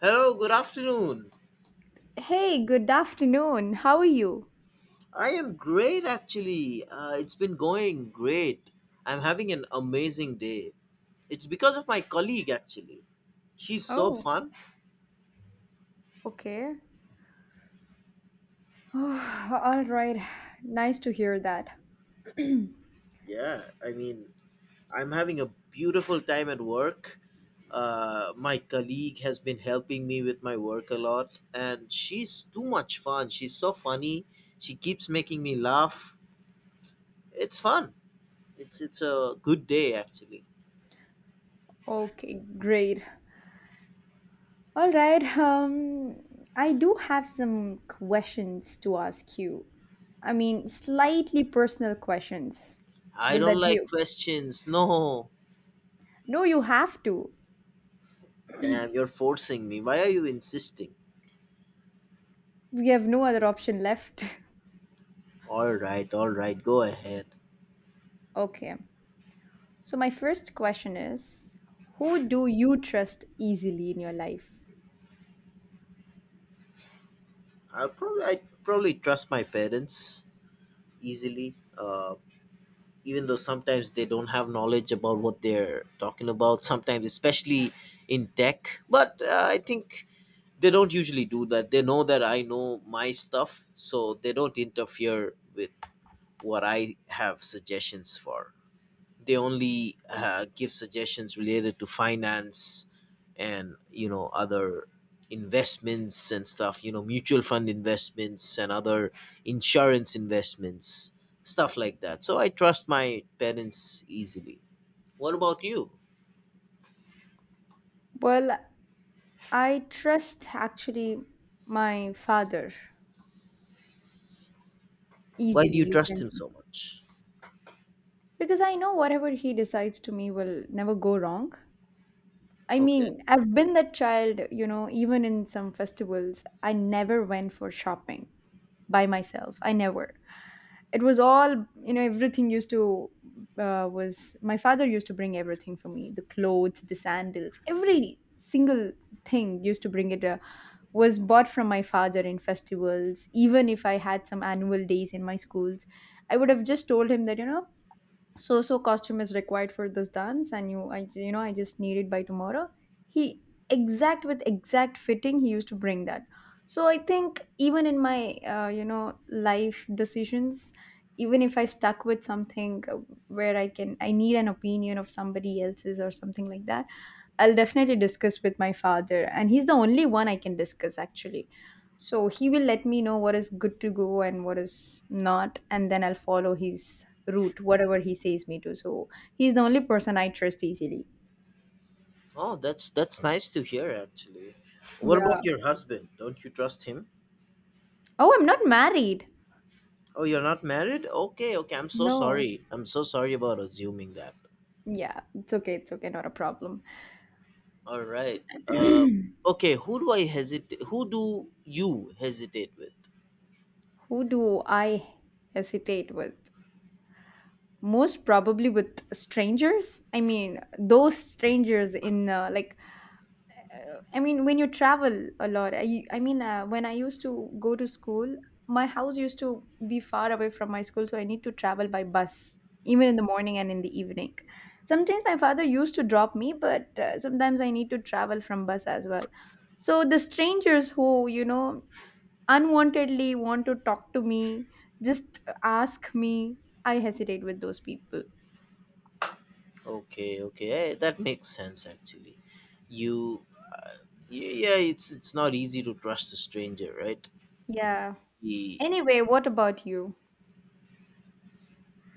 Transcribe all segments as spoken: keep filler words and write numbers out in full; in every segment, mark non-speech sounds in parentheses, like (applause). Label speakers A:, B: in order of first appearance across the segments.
A: Hello, good afternoon.
B: Hey, good afternoon. How are you?
A: I am great actually. Uh, it's been going great. I'm having an amazing day. It's because of my colleague actually. She's so
B: Oh,
A: fun.
B: okay. (sighs) All right. Nice to hear that.
A: Yeah, I mean, I'm having a beautiful time at work. Uh, my colleague has been helping me with my work a lot, and she's too much fun. She's so funny. She keeps making me laugh. It's fun. It's it's a good day actually.
B: Okay, great. All right. Um, I do have some questions to ask you. I mean, slightly personal questions.
A: I
B: Will
A: don't
B: that be?
A: like questions. (laughs) No.
B: No, you have to.
A: Damn, you're forcing me. Why are you insisting?
B: We have no other option left.
A: All right, all right, go ahead.
B: (laughs) Okay. So my first question is, who do you trust easily in your life?
A: I'll probably I probably trust my parents easily. Uh, even though sometimes they don't have knowledge about what they're talking about. Sometimes, especially in tech, but uh, I think they don't usually do that. They know that I know my stuff, so they don't interfere with what I have suggestions for. They only uh, give suggestions related to finance and you know other investments and stuff, you know mutual fund investments and other insurance investments, stuff like that. So I trust my parents easily. What about you?
B: Well, I trust actually my father
A: Why do
B: easily,
A: you
B: you
A: trust
B: can
A: him
B: see.
A: so much?
B: Because I know whatever he decides to me will never go wrong. I
A: Okay.
B: mean, I've been that child, you know, even in some festivals, I never went for shopping by myself. I never. It was all, you know, everything used to, uh, was, my father used to bring everything for me, the clothes, the sandals, every single thing used to bring it. Uh, was bought from my father in festivals. Even if I had some annual days in my schools, I would have just told him that, you know, so so costume is required for this dance and you I you know, I just need it by tomorrow. He exact with exact fitting he used to bring that. So I think even in my uh, you know, life decisions, even if I stuck with something uh, where I can I need an opinion of somebody else's or something like that, I'll definitely discuss with my father, and he's the only one I can discuss actually. So he will let me know what is good to go and what is not, and then I'll follow his route, whatever he says me to. So he's the only person I trust easily.
A: Oh, that's that's nice to hear actually. What about
B: Yeah.
A: your husband? Don't you trust him?
B: Oh, I'm not married.
A: Oh, you're not married. Okay, okay, I'm so
B: No.
A: sorry, I'm so sorry about assuming that.
B: Yeah, it's okay. It's okay. Not a problem.
A: All right.
B: (clears throat)
A: Uh,
B: Who
A: okay. Who do I hesitate? Who do you hesitate with?
B: do I hesitate with? Most probably with strangers. I mean, those strangers in uh, like uh, I mean, when you travel a lot, I, I mean, uh, when I used to go to school, my house used to be far away from my school, so I need to travel by bus, even in the morning and in the evening. Sometimes my father used to drop me, but uh, sometimes I need to travel from bus as well. So the strangers who, you know, unwantedly want to talk to me, just ask me, I hesitate with those people.
A: Okay. Okay. eh, That makes sense actually. You. Uh, y- yeah. It's it's not easy to trust a stranger, right?
B: Yeah.
A: The,
B: Anyway, what about you?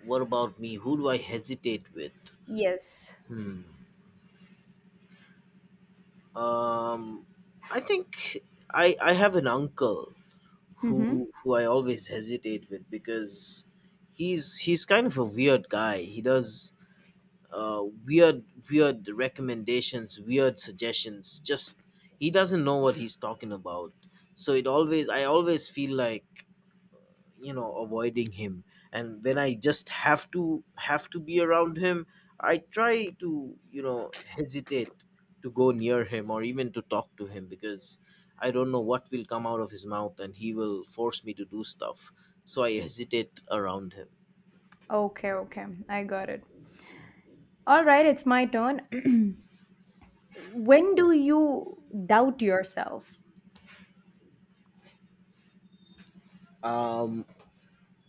A: what about me? Who do I hesitate with?
B: Yes.
A: Hmm. Um. I think I I have an uncle
B: Mm-hmm.
A: who who I always hesitate with because he's he's kind of a weird guy. He does uh, weird weird recommendations, weird suggestions. Just he doesn't know what he's talking about, so it always, I always feel like, you know, avoiding him, and when I just have to have to be around him, I try to, you know, hesitate to go near him or even to talk to him, because I don't know what will come out of his mouth and he will force me to do stuff. So I hesitate around him.
B: Okay, okay. I got it. All right, it's my turn. (clears throat) When do you doubt yourself?
A: Um,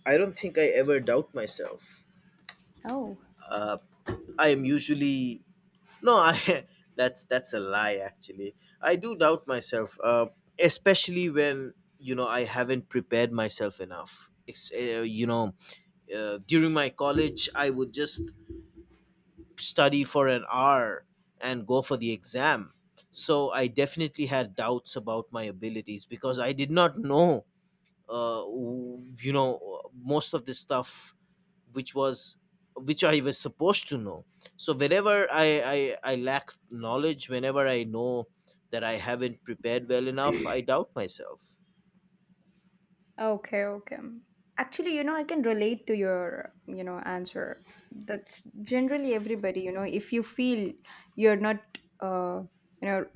A: I don't think I ever doubt myself.
B: Oh,
A: uh, I am usually no. I (laughs) that's that's a lie. Actually, I do doubt myself, uh, especially when, you know, I haven't prepared myself enough. It's, uh, you know, uh, during my college, I would just study for an hour and go for the exam. So I definitely had doubts about my abilities because I did not know, uh, w- you know, most of this stuff which was which I was supposed to know. So whenever I, i, I lack knowledge, whenever I know that I haven't prepared well enough, I doubt myself.
B: okay, okay. Actually, you know, I can relate to your, you know, answer. That's generally everybody, you know, if you feel you're not, uh, you know,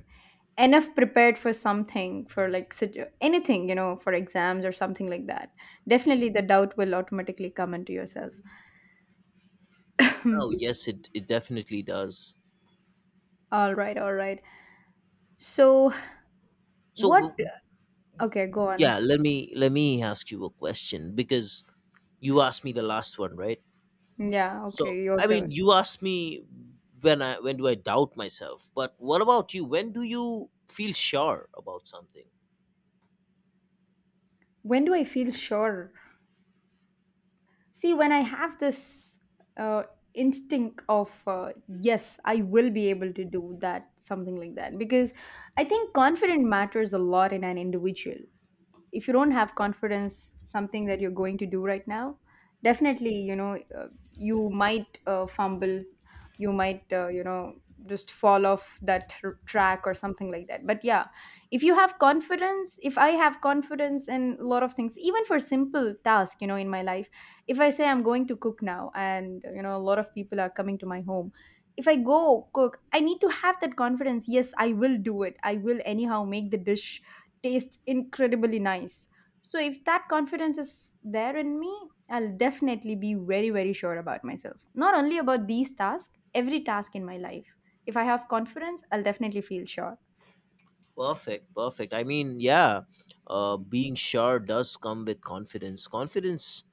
B: enough prepared for something, for like situ- anything, you know, for exams or something like that, definitely the doubt will automatically come into yourself.
A: Oh
B: (laughs) (clears throat)
A: yes, it, it definitely does.
B: All right, all right. So,
A: so
B: what?
A: w- w-
B: Okay, go
A: yeah,
B: on.
A: let me let me ask you a question, because you asked me the last one, right?
B: Yeah,
A: So
B: okay, your
A: I mean,
B: turn.
A: you asked me when I, when do I doubt myself, but what about you? When do you feel sure about something?
B: When do I feel sure? See, when I have this uh, instinct of, uh, yes, I will be able to do that, something like that. Because I think confidence matters a lot in an individual. If you don't have confidence something that you're going to do right now, definitely you know, uh, you might uh, fumble, you might uh, you know, just fall off that tr- track or something like that. But yeah, if you have confidence, if I have confidence in a lot of things, even for simple tasks, you know, in my life, if I say I'm going to cook now and you know a lot of people are coming to my home, if I go cook I need to have that confidence, yes I will do it, I will anyhow make the dish. Tastes incredibly nice. So if that confidence is there in me, I'll definitely be very, very sure about myself. Not only about these tasks, every task in my life. If I have confidence, I'll definitely feel sure.
A: Perfect, perfect. I mean, yeah, uh, being sure does come with confidence. Confidence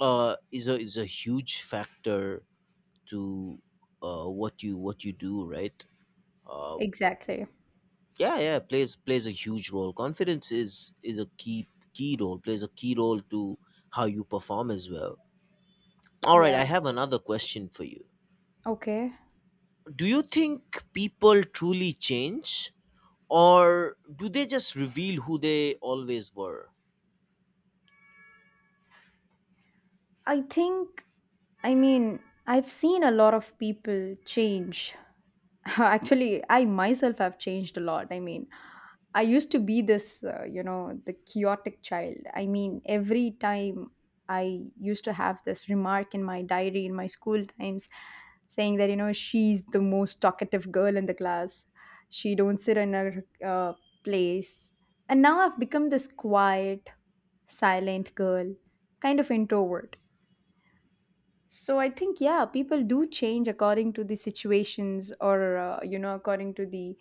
A: uh, is a is a huge factor to uh, what you what you do, right? Uh,
B: Exactly.
A: yeah, yeah, plays plays a huge role. Confidence is is a key key role. Plays a key role to how you perform as well. All right,
B: Yeah.
A: I have another question for you.
B: Okay.
A: Do you think people truly change, or do they just reveal who they always were?
B: I think, I mean, I've seen a lot of people change. (laughs) Actually, I myself have changed a lot. I mean, I used to be this, uh, you know, the chaotic child. I mean, every time I used to have this remark in my diary in my school times saying that, you know, she's the most talkative girl in the class. She don't sit in her uh, place. And now I've become this quiet, silent girl, kind of introvert. So I think yeah, people do change according to the situations or uh, you know according to the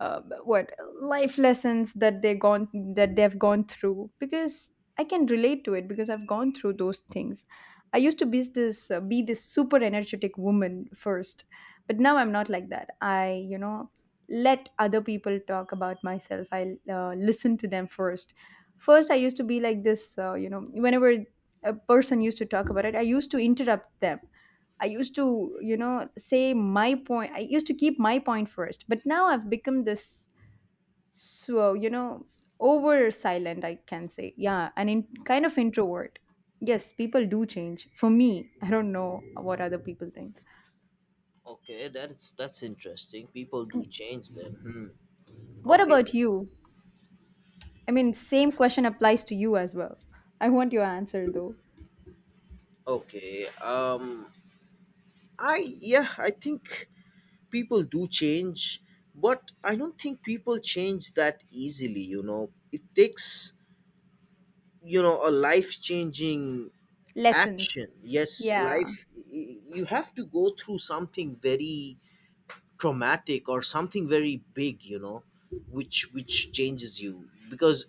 B: uh, what life lessons that they gone that they've gone through, because I can relate to it because I've gone through those things. I used to be this uh, be this super energetic woman first, but now I'm not like that. I, you know, let other people talk about myself. I uh, listen to them first. First, I used to be like this. Uh, you know, whenever a person used to talk about it, I used to interrupt them. I used to, you know, say my point. I used to keep my point first, but now I've become this, so, you know, over silent, I can say. Yeah, and in kind of introvert. Yes, people do change. For me, I don't know what other people think.
A: Okay, that's that's interesting. People do change them. Hmm.
B: What
A: Okay.
B: about you? I mean, same question applies to you as well. I want your answer though.
A: Okay. Um, I yeah, I think people do change, but I don't think people change that easily, you know. It takes, you know, a life-changing
B: Lessons.
A: action. Yes,
B: Yeah.
A: life y- y- you have to go through something very traumatic or something very big, you know, which which changes you, because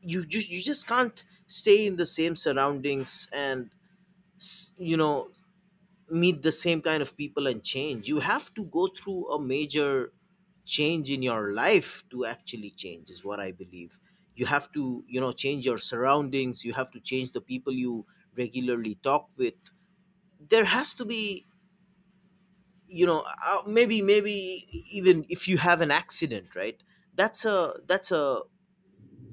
A: you just, you just can't stay in the same surroundings and s- you know, meet the same kind of people and change. You have to go through a major change in your life to actually change, is what I believe. You have to, you know, change your surroundings. You have to change the people you regularly talk with. There has to be, you know, uh, maybe maybe even if you have an accident, right? That's a that's a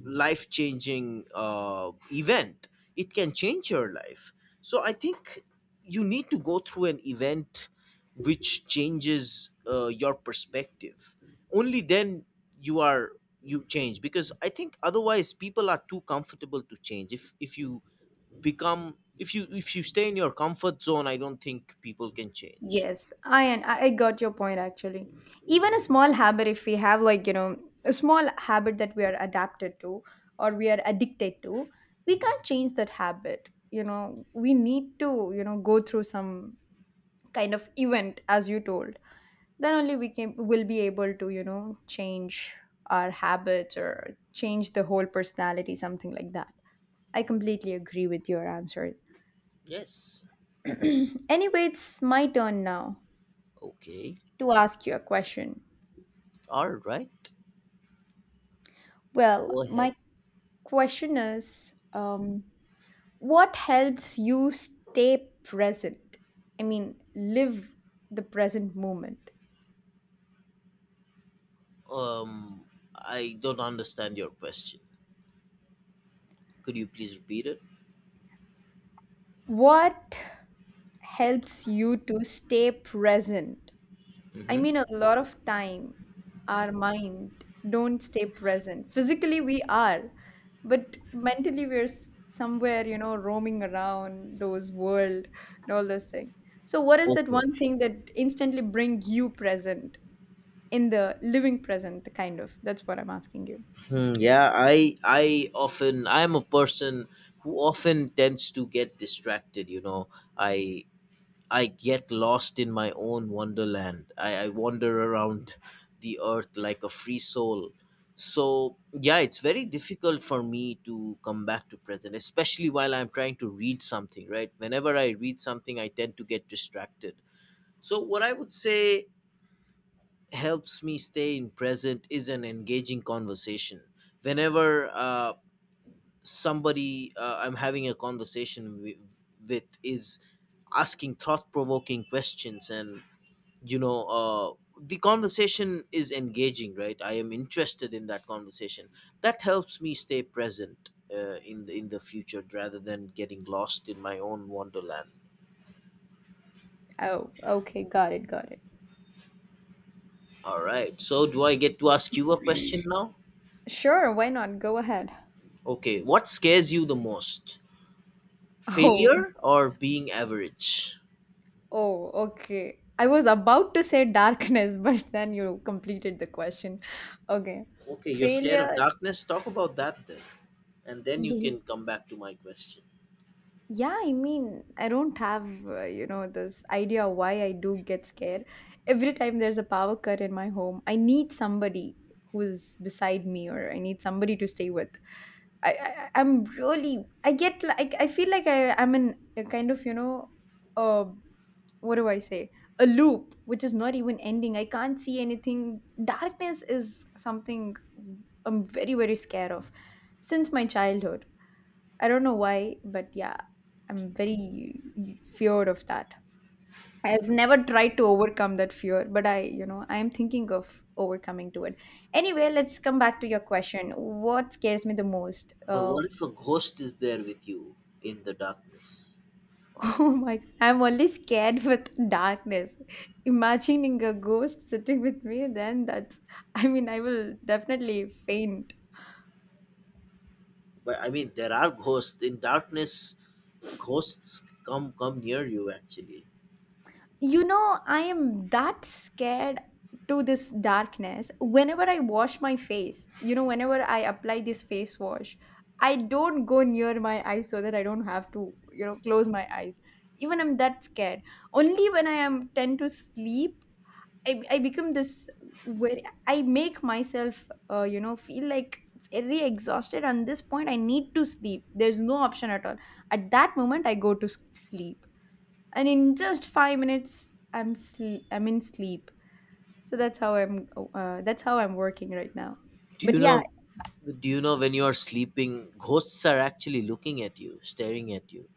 A: life changing uh, event. It can change your life. So I think you need to go through an event which changes uh, your perspective. Only then you are, you change, because I think otherwise people are too comfortable to change. If if you become if you if you stay in your comfort zone, I don't think people can change.
B: Yes, I and I I got your point actually. Even a small habit, if we have like you know a small habit that we are adapted to or we are addicted to, we can't change that habit. You know, we need to you know go through some kind of event, as you told. Then only we can will be able to you know change our habits or change the whole personality, something like that. I completely agree with your answer.
A: Yes.
B: (clears throat) Anyway, it's my turn now
A: Okay.
B: to ask you a question.
A: All right.
B: Well,
A: Go ahead.
B: my question is um, what helps you stay present? I mean, live the present moment.
A: Um, I don't understand your question. Could you please repeat it?
B: What helps you to stay present? I mean,
A: Hmm.
B: a lot of time our mind don't stay present. Physically we are, but mentally we're s- somewhere, you know, roaming around those world and all those things. So what is that one
A: Okay.
B: thing that instantly bring you present? In the living present, the kind of. That's what I'm asking you.
A: Hmm, yeah, I I often, I am a person who often tends to get distracted. You know, I I get lost in my own wonderland. I, I wander around the earth like a free soul. So yeah, it's very difficult for me to come back to present, especially while I'm trying to read something. Right, whenever I read something, I tend to get distracted. So what I would say helps me stay in present is an engaging conversation, whenever uh, somebody uh, I'm having a conversation with, with is asking thought-provoking questions, and you know, uh, the conversation is engaging, right? I am interested in that conversation. That helps me stay present, uh, in the in the future, rather than getting lost in my own wonderland.
B: Oh, okay. Got it. Got it.
A: All right, so do I get to ask you a question now?
B: Sure, why not? Go ahead. (laughs)
A: Okay, what scares you the most,
B: Oh,
A: failure or being average?
B: oh, okay. I was about to say darkness, (laughs) but then you completed the question. Okay.
A: Okay, you're scared of
B: Failure.
A: darkness, talk about that then, and then you
B: Yeah,
A: can come back to my question.
B: yeah, I mean, I don't have, uh, you know, this idea why I do get scared. Every time there's a power cut in my home, I need somebody who's beside me or I need somebody to stay with. I, I I'm really I get like I feel like I I'm in a kind of you know, uh what do I say a loop which is not even ending. I can't see anything. Darkness is something I'm very, very scared of since my childhood. I don't know why, but yeah, I'm very feared of that. I've never tried to overcome that fear, but I, you know, I am thinking of overcoming to it. Anyway, let's come back to your question. What scares me the most?
A: But
B: Uh,
A: what if a ghost is there with you in the darkness?
B: Oh my, I'm only scared (laughs) with darkness. Imagining a ghost sitting with me, then that's, I mean, I will definitely faint.
A: But I mean, there are ghosts in darkness. Ghosts come come near you actually.
B: You know, I am that scared to this darkness. Whenever I wash my face, you know, whenever I apply this face wash, I don't go near my eyes so that I don't have to, you know, close my eyes. Even I'm that scared. Only when I am tend to sleep, I, I become this where I make myself, uh, you know, feel like very exhausted. On this point, I need to sleep. There's no option at all. At that moment, I go to s- sleep, and in just five minutes, I'm sl- I'm in sleep. So that's how I'm. Uh, that's how I'm working right now.
A: Do
B: But
A: you
B: yeah,
A: know, do you know, when you are sleeping, ghosts are actually looking at you, staring at you?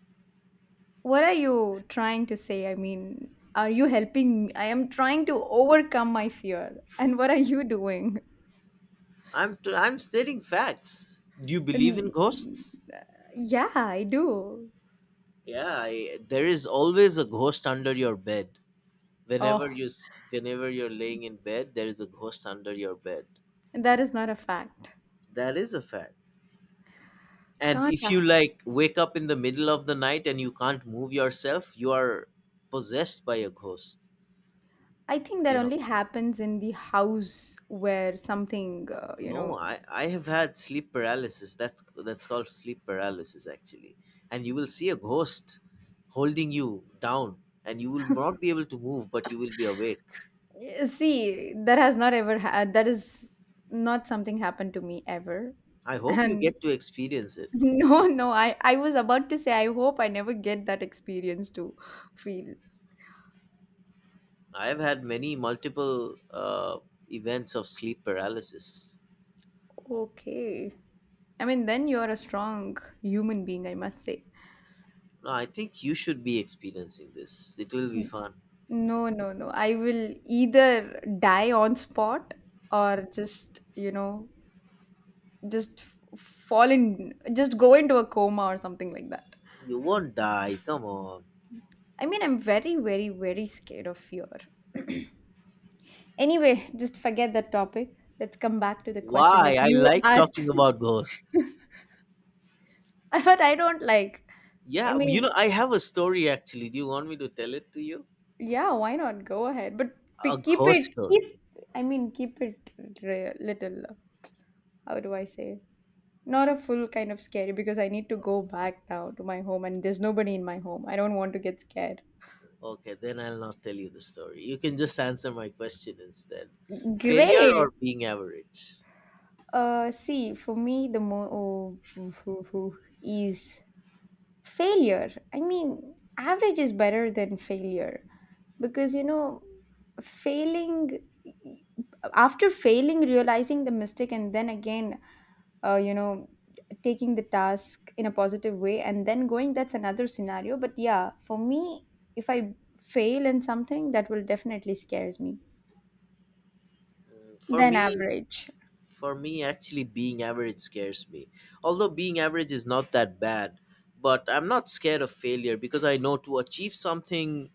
B: what are you trying to say? I mean, are you helping me? I am trying to overcome my fear. And what are you (laughs) doing?
A: i'm t- I'm stating facts. Do you believe in
B: And
A: ghosts?
B: yeah, I do.
A: Yeah, I, there is always a ghost under your bed.
B: Oh,
A: Whenever you s- whenever you're laying in bed, there is a ghost under your bed.
B: that is not a fact.
A: That is a fact. And if you
B: Kanda.
A: like wake up in the middle of the night and you can't move yourself, you are possessed by a ghost.
B: I think that
A: You know.
B: only happens in the house where something, uh, you
A: No,
B: know.
A: I, I have had sleep paralysis. That that's called sleep paralysis actually. And you will see a ghost holding you down, and you will not be able to move, but you will be awake.
B: eh, See, that has not ever had. That is not something happened to me ever.
A: I hope you
B: And
A: get to experience it.
B: (laughs) no, no, I, I was about to say, I hope I never get that experience to feel.
A: I've had many multiple uh, events of sleep paralysis.
B: Okay. I mean, then you're a strong human being, I must say.
A: No, I think you should be experiencing this. It will be fun.
B: No, no, no. I will either die on spot or just, you know, just fall in just go into a coma or something like that.
A: You won't die. Come on.
B: I mean, I'm very very very scared of fear. (clears throat) Anyway, just forget that topic. Let's come back to the question
A: Why?
B: that
A: I
B: you
A: like talking
B: asked.
A: about
B: (laughs)
A: ghosts.
B: But I don't like. I
A: Yeah, you
B: mean,
A: know, I have a story actually. Do you want me to tell it to you?
B: yeah, why not? Go ahead, but
A: A
B: p- keep
A: ghost
B: it, keep
A: story.
B: I mean, keep it re- little. How do I say, not a full kind of scary, because I need to go back now to my home and there's nobody in my home. I don't want to get scared.
A: Okay, then I'll not tell you the story. You can just answer my question instead. Failure or
B: Great.
A: being average?
B: Uh, see, for me, the more oh, (laughs) is failure. I mean, average is better than failure because, you know, failing after failing, realizing the mistake, and then again, uh, you know, taking the task in a positive way and then going, that's another scenario. But yeah, for me, if I fail in something, that will definitely scares me.
A: For
B: Then
A: me,
B: average.
A: For me, actually, being average scares me. Although being average is not that bad, but I'm not scared of failure, because I know to achieve something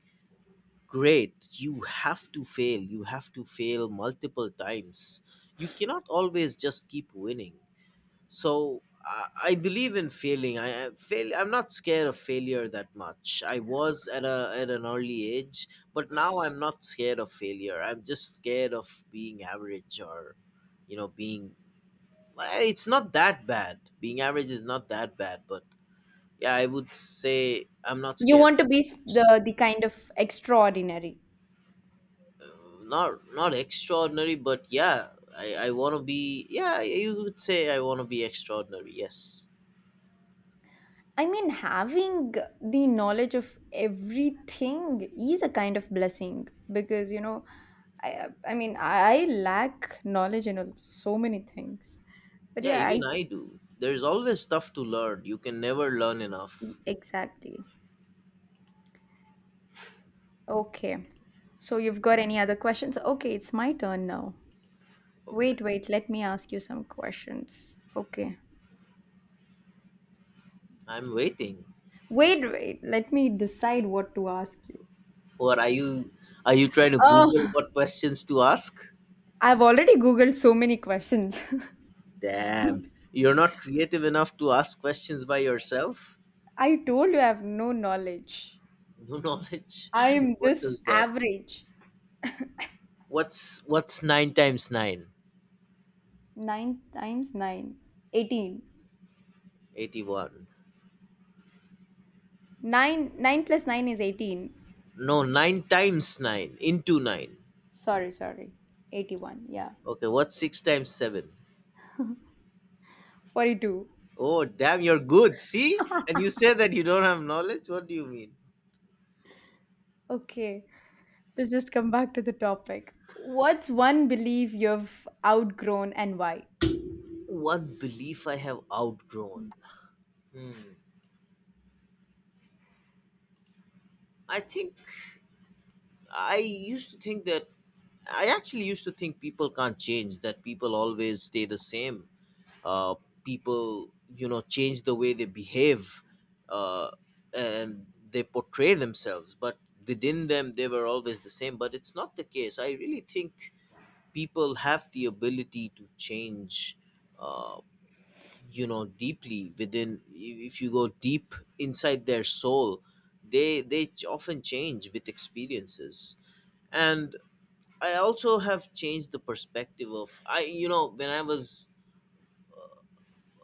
A: great, you have to fail. You have to fail multiple times. You cannot always just keep winning. So I, I believe in failing. I I fail. I'm not scared of failure that much. I was at a at an early age, but now I'm not scared of failure. I'm just scared of being average, or you know, being, well, it's not that bad. Being average is not that bad, but yeah, I would say I'm not
B: You
A: scared
B: want to be
A: of
B: s-
A: this.
B: the the kind of extraordinary.
A: Uh, not not extraordinary, but yeah, I I want to be. Yeah, you would say I want to be extraordinary. Yes.
B: I mean, having the knowledge of everything is a kind of blessing because, you know, I, I mean, I lack knowledge in a- so many things. But
A: Yeah,
B: yeah,
A: even
B: I
A: I do. There's always stuff to learn. You can never learn enough.
B: exactly. Okay. So you've got any other questions? Okay, it's my turn now.
A: Okay,
B: Wait, wait, let me ask you some questions. Okay.
A: I'm waiting.
B: Wait, wait, let me decide what to ask you.
A: Or are you, are you trying to Google
B: Oh.
A: what questions to ask?
B: I've already Googled so many questions. (laughs)
A: Damn, you're not creative enough to ask questions by yourself.
B: I told you I have no knowledge.
A: New knowledge.
B: I am
A: (laughs) What
B: this
A: does that mean?
B: average.
A: What's what's nine times nine?
B: nine times nine, eighteen.
A: Eighty-one.
B: nine, nine plus nine is eighteen.
A: No, nine times nine into nine.
B: Sorry, sorry. eighty-one, yeah.
A: Okay, what's six times seven?
B: forty-two.
A: Oh, damn, you're good. See, and you say that you don't have knowledge. What do you mean?
B: Okay, let's just come back to the topic. What's one belief you've outgrown and why?
A: One belief I have outgrown. Hmm. I think I used to think that I actually used to think people can't change. That people always stay the same. uh, People, you know, change the way they behave, uh, and they portray themselves, but within them they were always the same. But it's not the case. I really think people have the ability to change, uh, you know, deeply within. If you go deep inside their soul, they they ch- often change with experiences. And I also have changed the perspective of, i you know when I was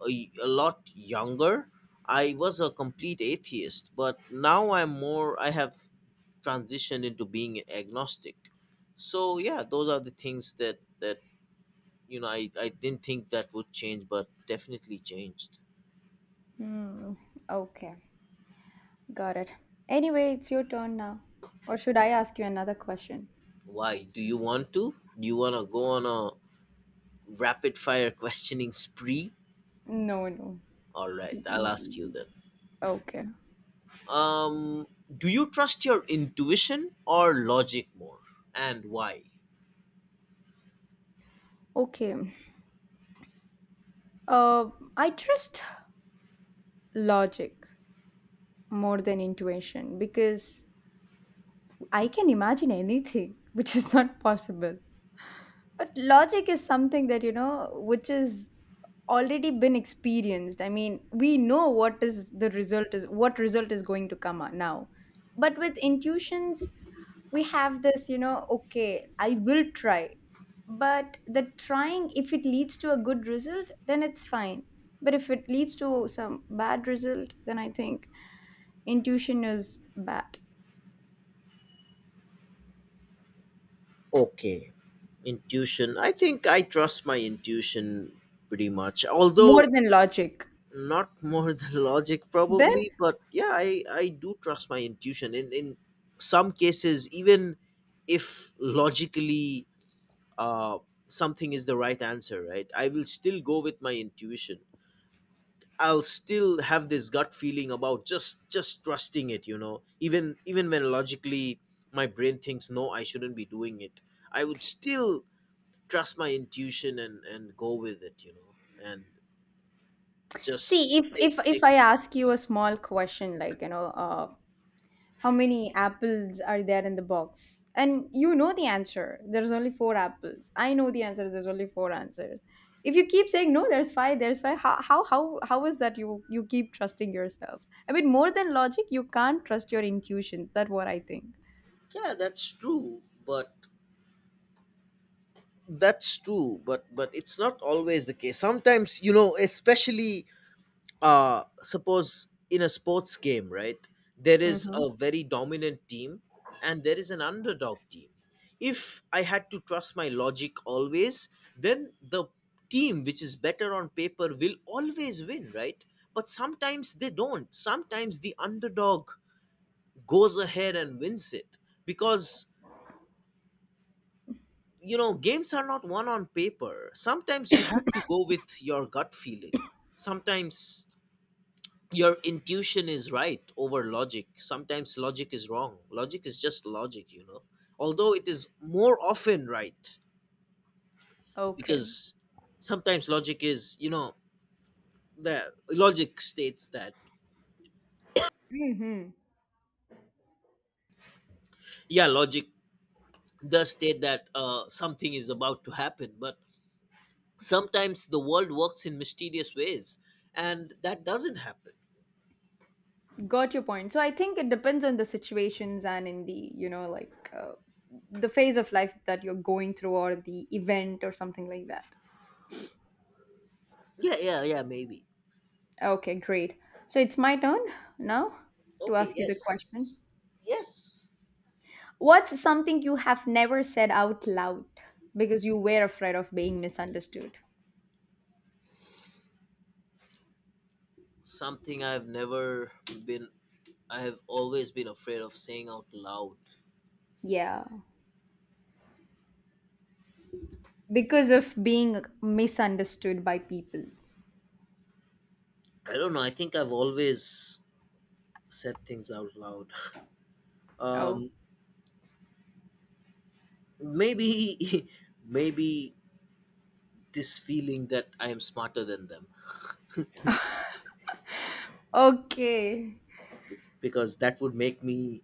A: a, a lot younger, I was a complete atheist, but now I'm more, I have transitioned into being agnostic. So yeah, those are the things that, that, you know, I, I didn't think that would change, but definitely changed.
B: Hmm, okay, got it. Anyway, it's your turn now. Or should I ask you another question?
A: Why? Do you want to? Do you want to go on a rapid fire (laughs) questioning spree?
B: No, no.
A: All right,
B: Mm,
A: I'll
B: mm,
A: ask
B: mm,
A: you
B: mm.
A: then.
B: Okay.
A: Um, do you trust your intuition or logic more, and why?
B: Okay. Uh, I trust logic more than intuition because I can imagine anything (laughs) which is not possible. But logic is something that, you know, which is already been experienced. I mean, we know what is the result is what result is going to come out now. But with intuitions, we have this, you know, okay, I will try. But the trying, if it leads to a good result, then it's fine. But if it leads to some bad result, then I think intuition is bad.
A: Okay. Intuition. I think I trust my intuition pretty much.
B: More
A: Although
B: than logic.
A: not more (laughs) than logic
B: Then
A: probably, but yeah, I I do trust my intuition in in some cases, even if logically uh something is the right answer, right? I will still go with my intuition. I'll still have this gut feeling about just just trusting it, you know. Even even when logically my brain thinks no, I shouldn't be doing it. I would still trust my intuition and and go with it, you know, and just
B: see, if
A: take
B: if if
A: take the
B: I ask you
A: chance.
B: a small question like, you know, uh, how many apples are there in the box? And you know the answer. There's only four apples. I know the answer. There's only four answers. If you keep saying no, there's five, there's five. How how how how is that you you keep trusting yourself? I mean, more than logic, you can't trust your intuition. That's what I think.
A: Yeah, that's true, but that's true but but it's not always the case sometimes, you know. Especially uh suppose in a sports game, right, there is
B: Mm-hmm.
A: a very dominant team and there is an underdog team. If I had to trust my logic always, then the team which is better on paper will always win, right? But sometimes they don't. Sometimes the underdog goes ahead and wins it because, you know, games are not won on paper. Sometimes you have to go with your gut feeling. Sometimes your intuition is right over logic. Sometimes logic is wrong. Logic is just logic, you know, although it is more often right.
B: Okay.
A: Because sometimes logic is, you know, the logic states that,
B: Mm-hmm.
A: yeah, logic does state that uh, something is about to happen, but sometimes the world works in mysterious ways and that doesn't happen.
B: Got your point. So I think it depends on the situations and in the, you know, like uh, the phase of life that you're going through or the event or something like that.
A: Yeah, yeah, yeah, maybe.
B: Okay, great. So it's my turn now to
A: Okay,
B: ask you the question.
A: yes. Yes,
B: What's something you have never said out loud because you were afraid of being misunderstood?
A: something I've never been. I have always been afraid of saying out loud.
B: Yeah, because of being misunderstood by people.
A: I don't know. I think I've always said things out loud.
B: Oh,
A: Um, Maybe, (laughs) maybe this feeling that I am smarter than them,
B: okay.
A: because that would make me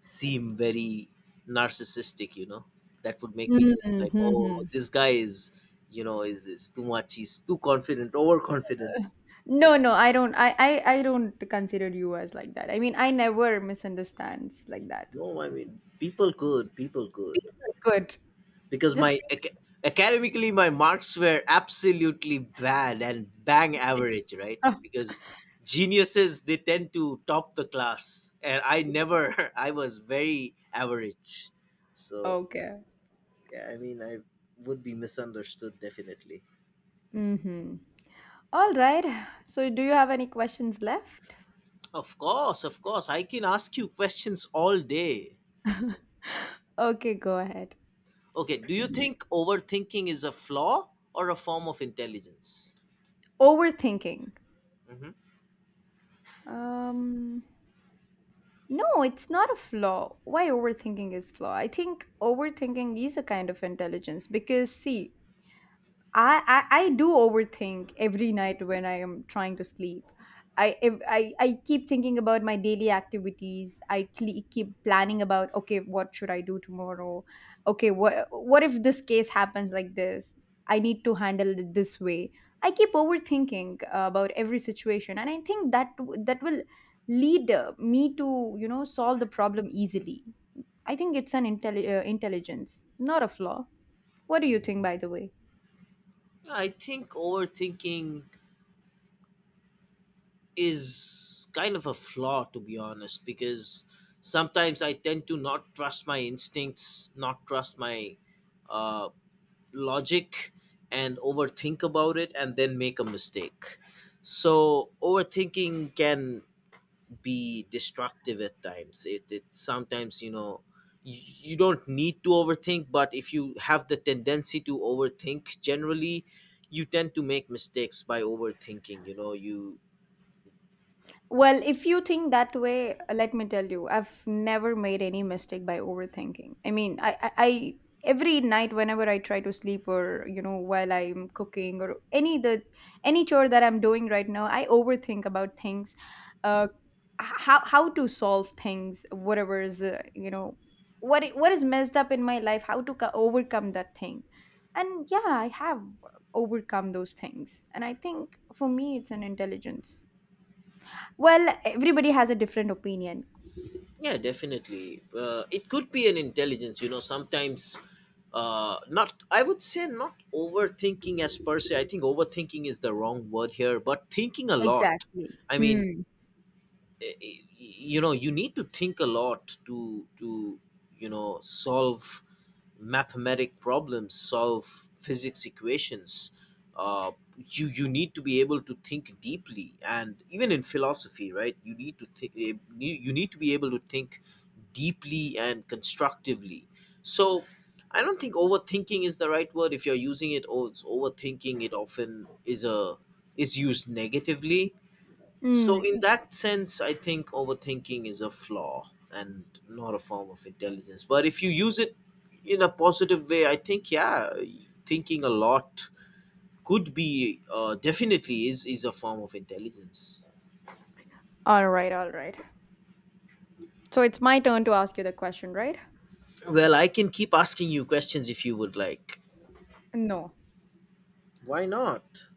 A: seem very narcissistic. You know, that would make me seem
B: Mhm,
A: like, oh,
B: mhm.
A: this guy is, you know, is is too much. He's too confident, overconfident.
B: No, no, I don't. I, I, I don't consider you as like that. I mean, I never misunderstands like that.
A: No, I mean, people good, people good.
B: Good.
A: because
B: Just
A: my ac- Academically my marks were absolutely bad and bang average, right?
B: Ah,
A: Because geniuses, they tend to top the class, and I never (laughs) I was very average.
B: (laughs)
A: So
B: okay.
A: yeah, I mean, I would be misunderstood definitely.
B: Mm-hmm. All right. So, do you have any questions left?
A: Of course, of course, I can ask you questions all day.
B: Okay, go ahead.
A: Okay, do you think overthinking is a flaw or a form of intelligence?
B: Overthinking.
A: Hmm.
B: Um, no, it's not a flaw. Why overthinking is flaw? I think overthinking is a kind of intelligence because see, I, I I do overthink every night when I am trying to sleep. I if, I I keep thinking about my daily activities. I cle keep planning about okay, what should I do tomorrow? Okay, what what if this case happens like this? I need to handle it this way. I keep overthinking uh, about every situation, and I think that that will lead uh, me to you know solve the problem easily. I think it's an intelli- uh, intelligence, not a flaw. What do you think, by the way?
A: I think overthinking is kind of a flaw, to be honest, because sometimes I tend to not trust my instincts, not trust my uh, logic, and overthink about it and then make a mistake. So overthinking can be destructive at times. It, it sometimes, you know, you, you don't need to overthink, but if you have the tendency to overthink generally, you tend to make mistakes by overthinking, you know, you
B: Well, if you think that way, let me tell you, I've never made any mistake by overthinking. I mean, I, I, I every night whenever I try to sleep or you know while I'm cooking or any the any chore that I'm doing right now, I overthink about things, uh, h- how how to solve things, whatever is uh, you know what i- what is messed up in my life, how to co- overcome that thing, and yeah, I have overcome those things, and I think for me it's an intelligence. Well, everybody has a different opinion.
A: Yeah, definitely. Uh, it could be an intelligence, you know, sometimes, uh, not, I would say not overthinking as per se. I think overthinking is the wrong word here, but thinking a lot.
B: Exactly.
A: I mean,
B: Hmm.
A: eh, eh, you know, you need to think a lot to, to, you know, solve mathematic problems, solve physics equations, uh, you you need to be able to think deeply. And even in philosophy, right, you need to think. You you need to be able to think deeply and constructively. So I don't think overthinking is the right word. If you're using it, oh, it's overthinking, it often is a is used negatively. So, in
B: Mm.
A: that sense, I think overthinking is a flaw and not a form of intelligence. But if you use it in a positive way, I think, yeah, thinking a lot could be uh, definitely is, is a form of intelligence.
B: All right, all right. So it's my turn to ask you the question, right?
A: Well, I can keep asking you questions if you would like.
B: No.
A: Why not?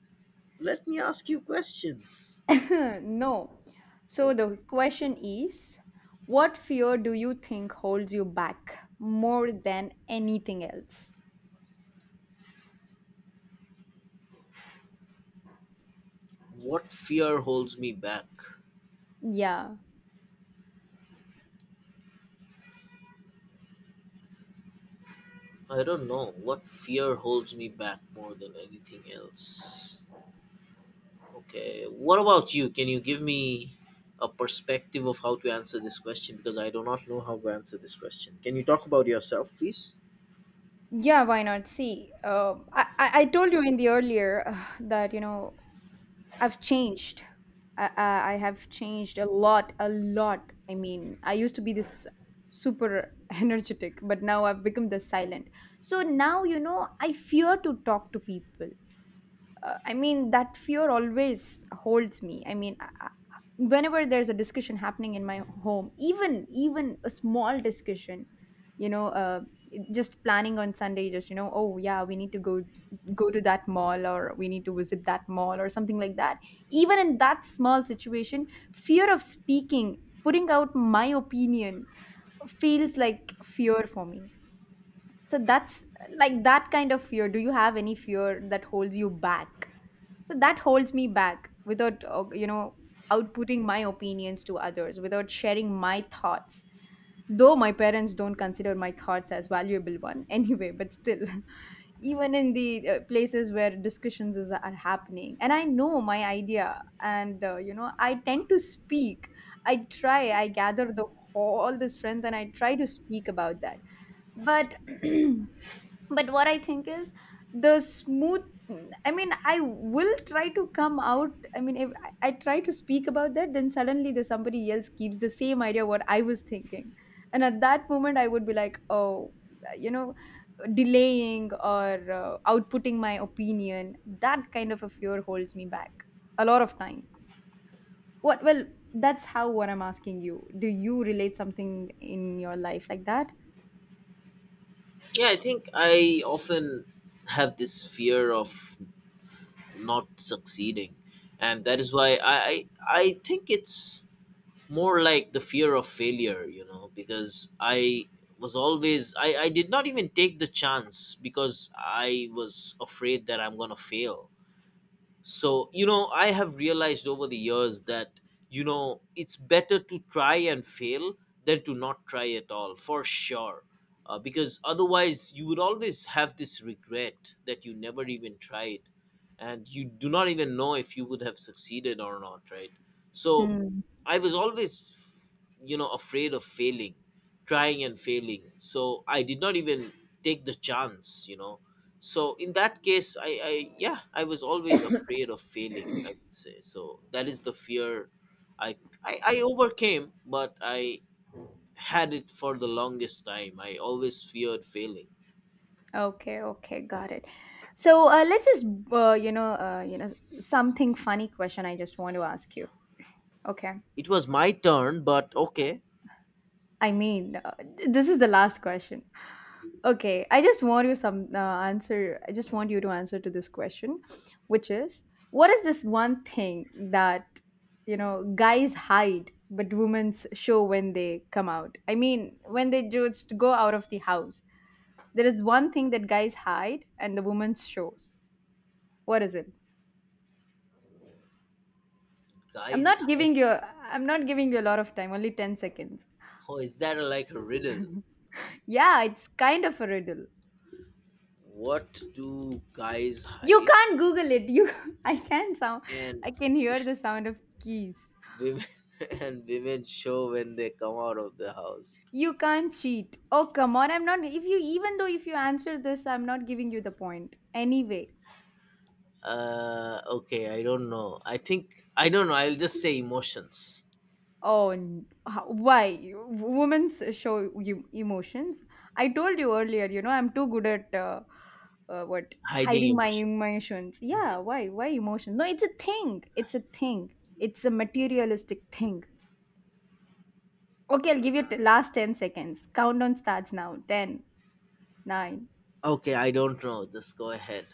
A: Let me ask you questions.
B: (laughs) No. So the
A: Okay.
B: question is, what fear do you think holds you back more than anything else?
A: What fear holds me back?
B: Yeah.
A: I don't know. What fear holds me back more than anything else? Okay, what about you? Can you give me a perspective of how to answer this question? Because I do not know how to answer this question. Can you talk about yourself, please?
B: Yeah, why not? See, uh, I, I I told you in the earlier uh, that, you know, I've changed. I, I I have changed a lot, a lot. I mean, I used to be this super (laughs) energetic, but now I've become the silent. So now, you know, I fear to talk to people. uh, I mean, that fear always holds me. I mean, I, I- whenever there's a discussion happening in my home, even even a small discussion, you know, uh, just planning on Sunday, just, you know, oh yeah, we need to go go to that mall or we need to visit that mall or something like that. Even in that small situation, fear of speaking, putting out my opinion feels like fear for me. So that's like that kind of fear. Do you have any fear that holds you back? So that holds me back without uh, you know outputting my opinions to others without sharing my thoughts, though my parents don't consider my thoughts as valuable one (laughs) anyway, but still. (laughs) Even in the uh, places where discussions is, are happening, and I know my idea, and uh, you know I tend to speak. i try I gather the all the strength, and I try to speak about that. But (clears throat) but what I think is the smooth. I mean, I will try to come out. I mean, if I I try to speak about that. Then suddenly the somebody else keeps the same idea what I was thinking, and at that moment I would be like, oh, you know delaying or uh, outputting my opinion, that kind of a fear holds me back a lot of time. What Well, that's how. What I'm asking you, do you relate something in your life like that?
A: Yeah, I think I often have this fear of not succeeding, and that is why I I, I think it's more like the fear of failure, you know, because I was always I, I did not even take the chance because I was afraid that I'm gonna fail. So, you know, I have realized over the years that, you know, it's better to try and fail than to not try at all, for sure. Uh, because otherwise, you would always have this regret that you never even tried and you do not even know if you would have succeeded or not, right? So,
B: Hmm.
A: I was always, you know, afraid of failing, trying and failing. So, I did not even take the chance, you know. So in that case, i i yeah, I was always afraid of failing, I would say. So that is the fear i i, I overcame, but I had it for the longest time. I always feared failing.
B: Okay, okay, got it. So uh, let's just uh, you know uh, you know something funny question I just want to ask you. Okay,
A: It was my turn, but okay.
B: I mean uh, th- this is the last question. Okay, I just want you some uh, answer. I just want you to answer to this question, which is what is this one thing that you know guys hide but women show when they come out? I mean when they just go out of the house, there is one thing that guys hide and the women shows. What is it? I'm
A: Guys.
B: not giving you I'm not giving you a lot of time, only ten seconds.
A: Oh, is that like a riddle?
B: Yeah, it's kind of a riddle.
A: What do guys
B: You
A: hide
B: can't Google it. You (laughs) I can sound
A: and
B: I can hear the sound of keys.
A: women (laughs) and women show when they come out of the house?
B: You can't cheat. Oh come on, I'm not if you even though if you answer this, I'm not giving you the point. Anyway.
A: Uh okay, I don't know. I think i don't know I'll just say emotions.
B: Oh, n- how- why? You- Women's show you emotions. I told you earlier, you know, I'm too good at uh, uh, what
A: Hiding
B: hiding my
A: emotions.
B: emotions.
A: Mhm.
B: Yeah, why? Why emotions? No, it's a thing. It's a thing. It's a materialistic thing. Okay, I'll give you t- last ten seconds. Countdown starts now. Ten, nine.
A: Okay, I don't know. Just go ahead.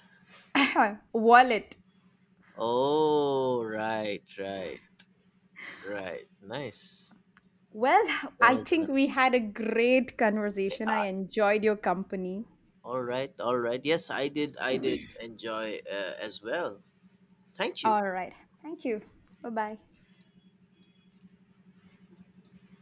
B: (laughs) Wallet.
A: Oh, right, right, right. Nice.
B: Well,
A: That
B: I
A: was a
B: think
A: nice
B: we
A: one.
B: had a great
A: Hey,
B: conversation. I
A: ah,
B: enjoyed your company.
A: all right, all right. Yes, I did. I did enjoy uh, as well. Thank you.
B: All right. Thank you. Bye bye.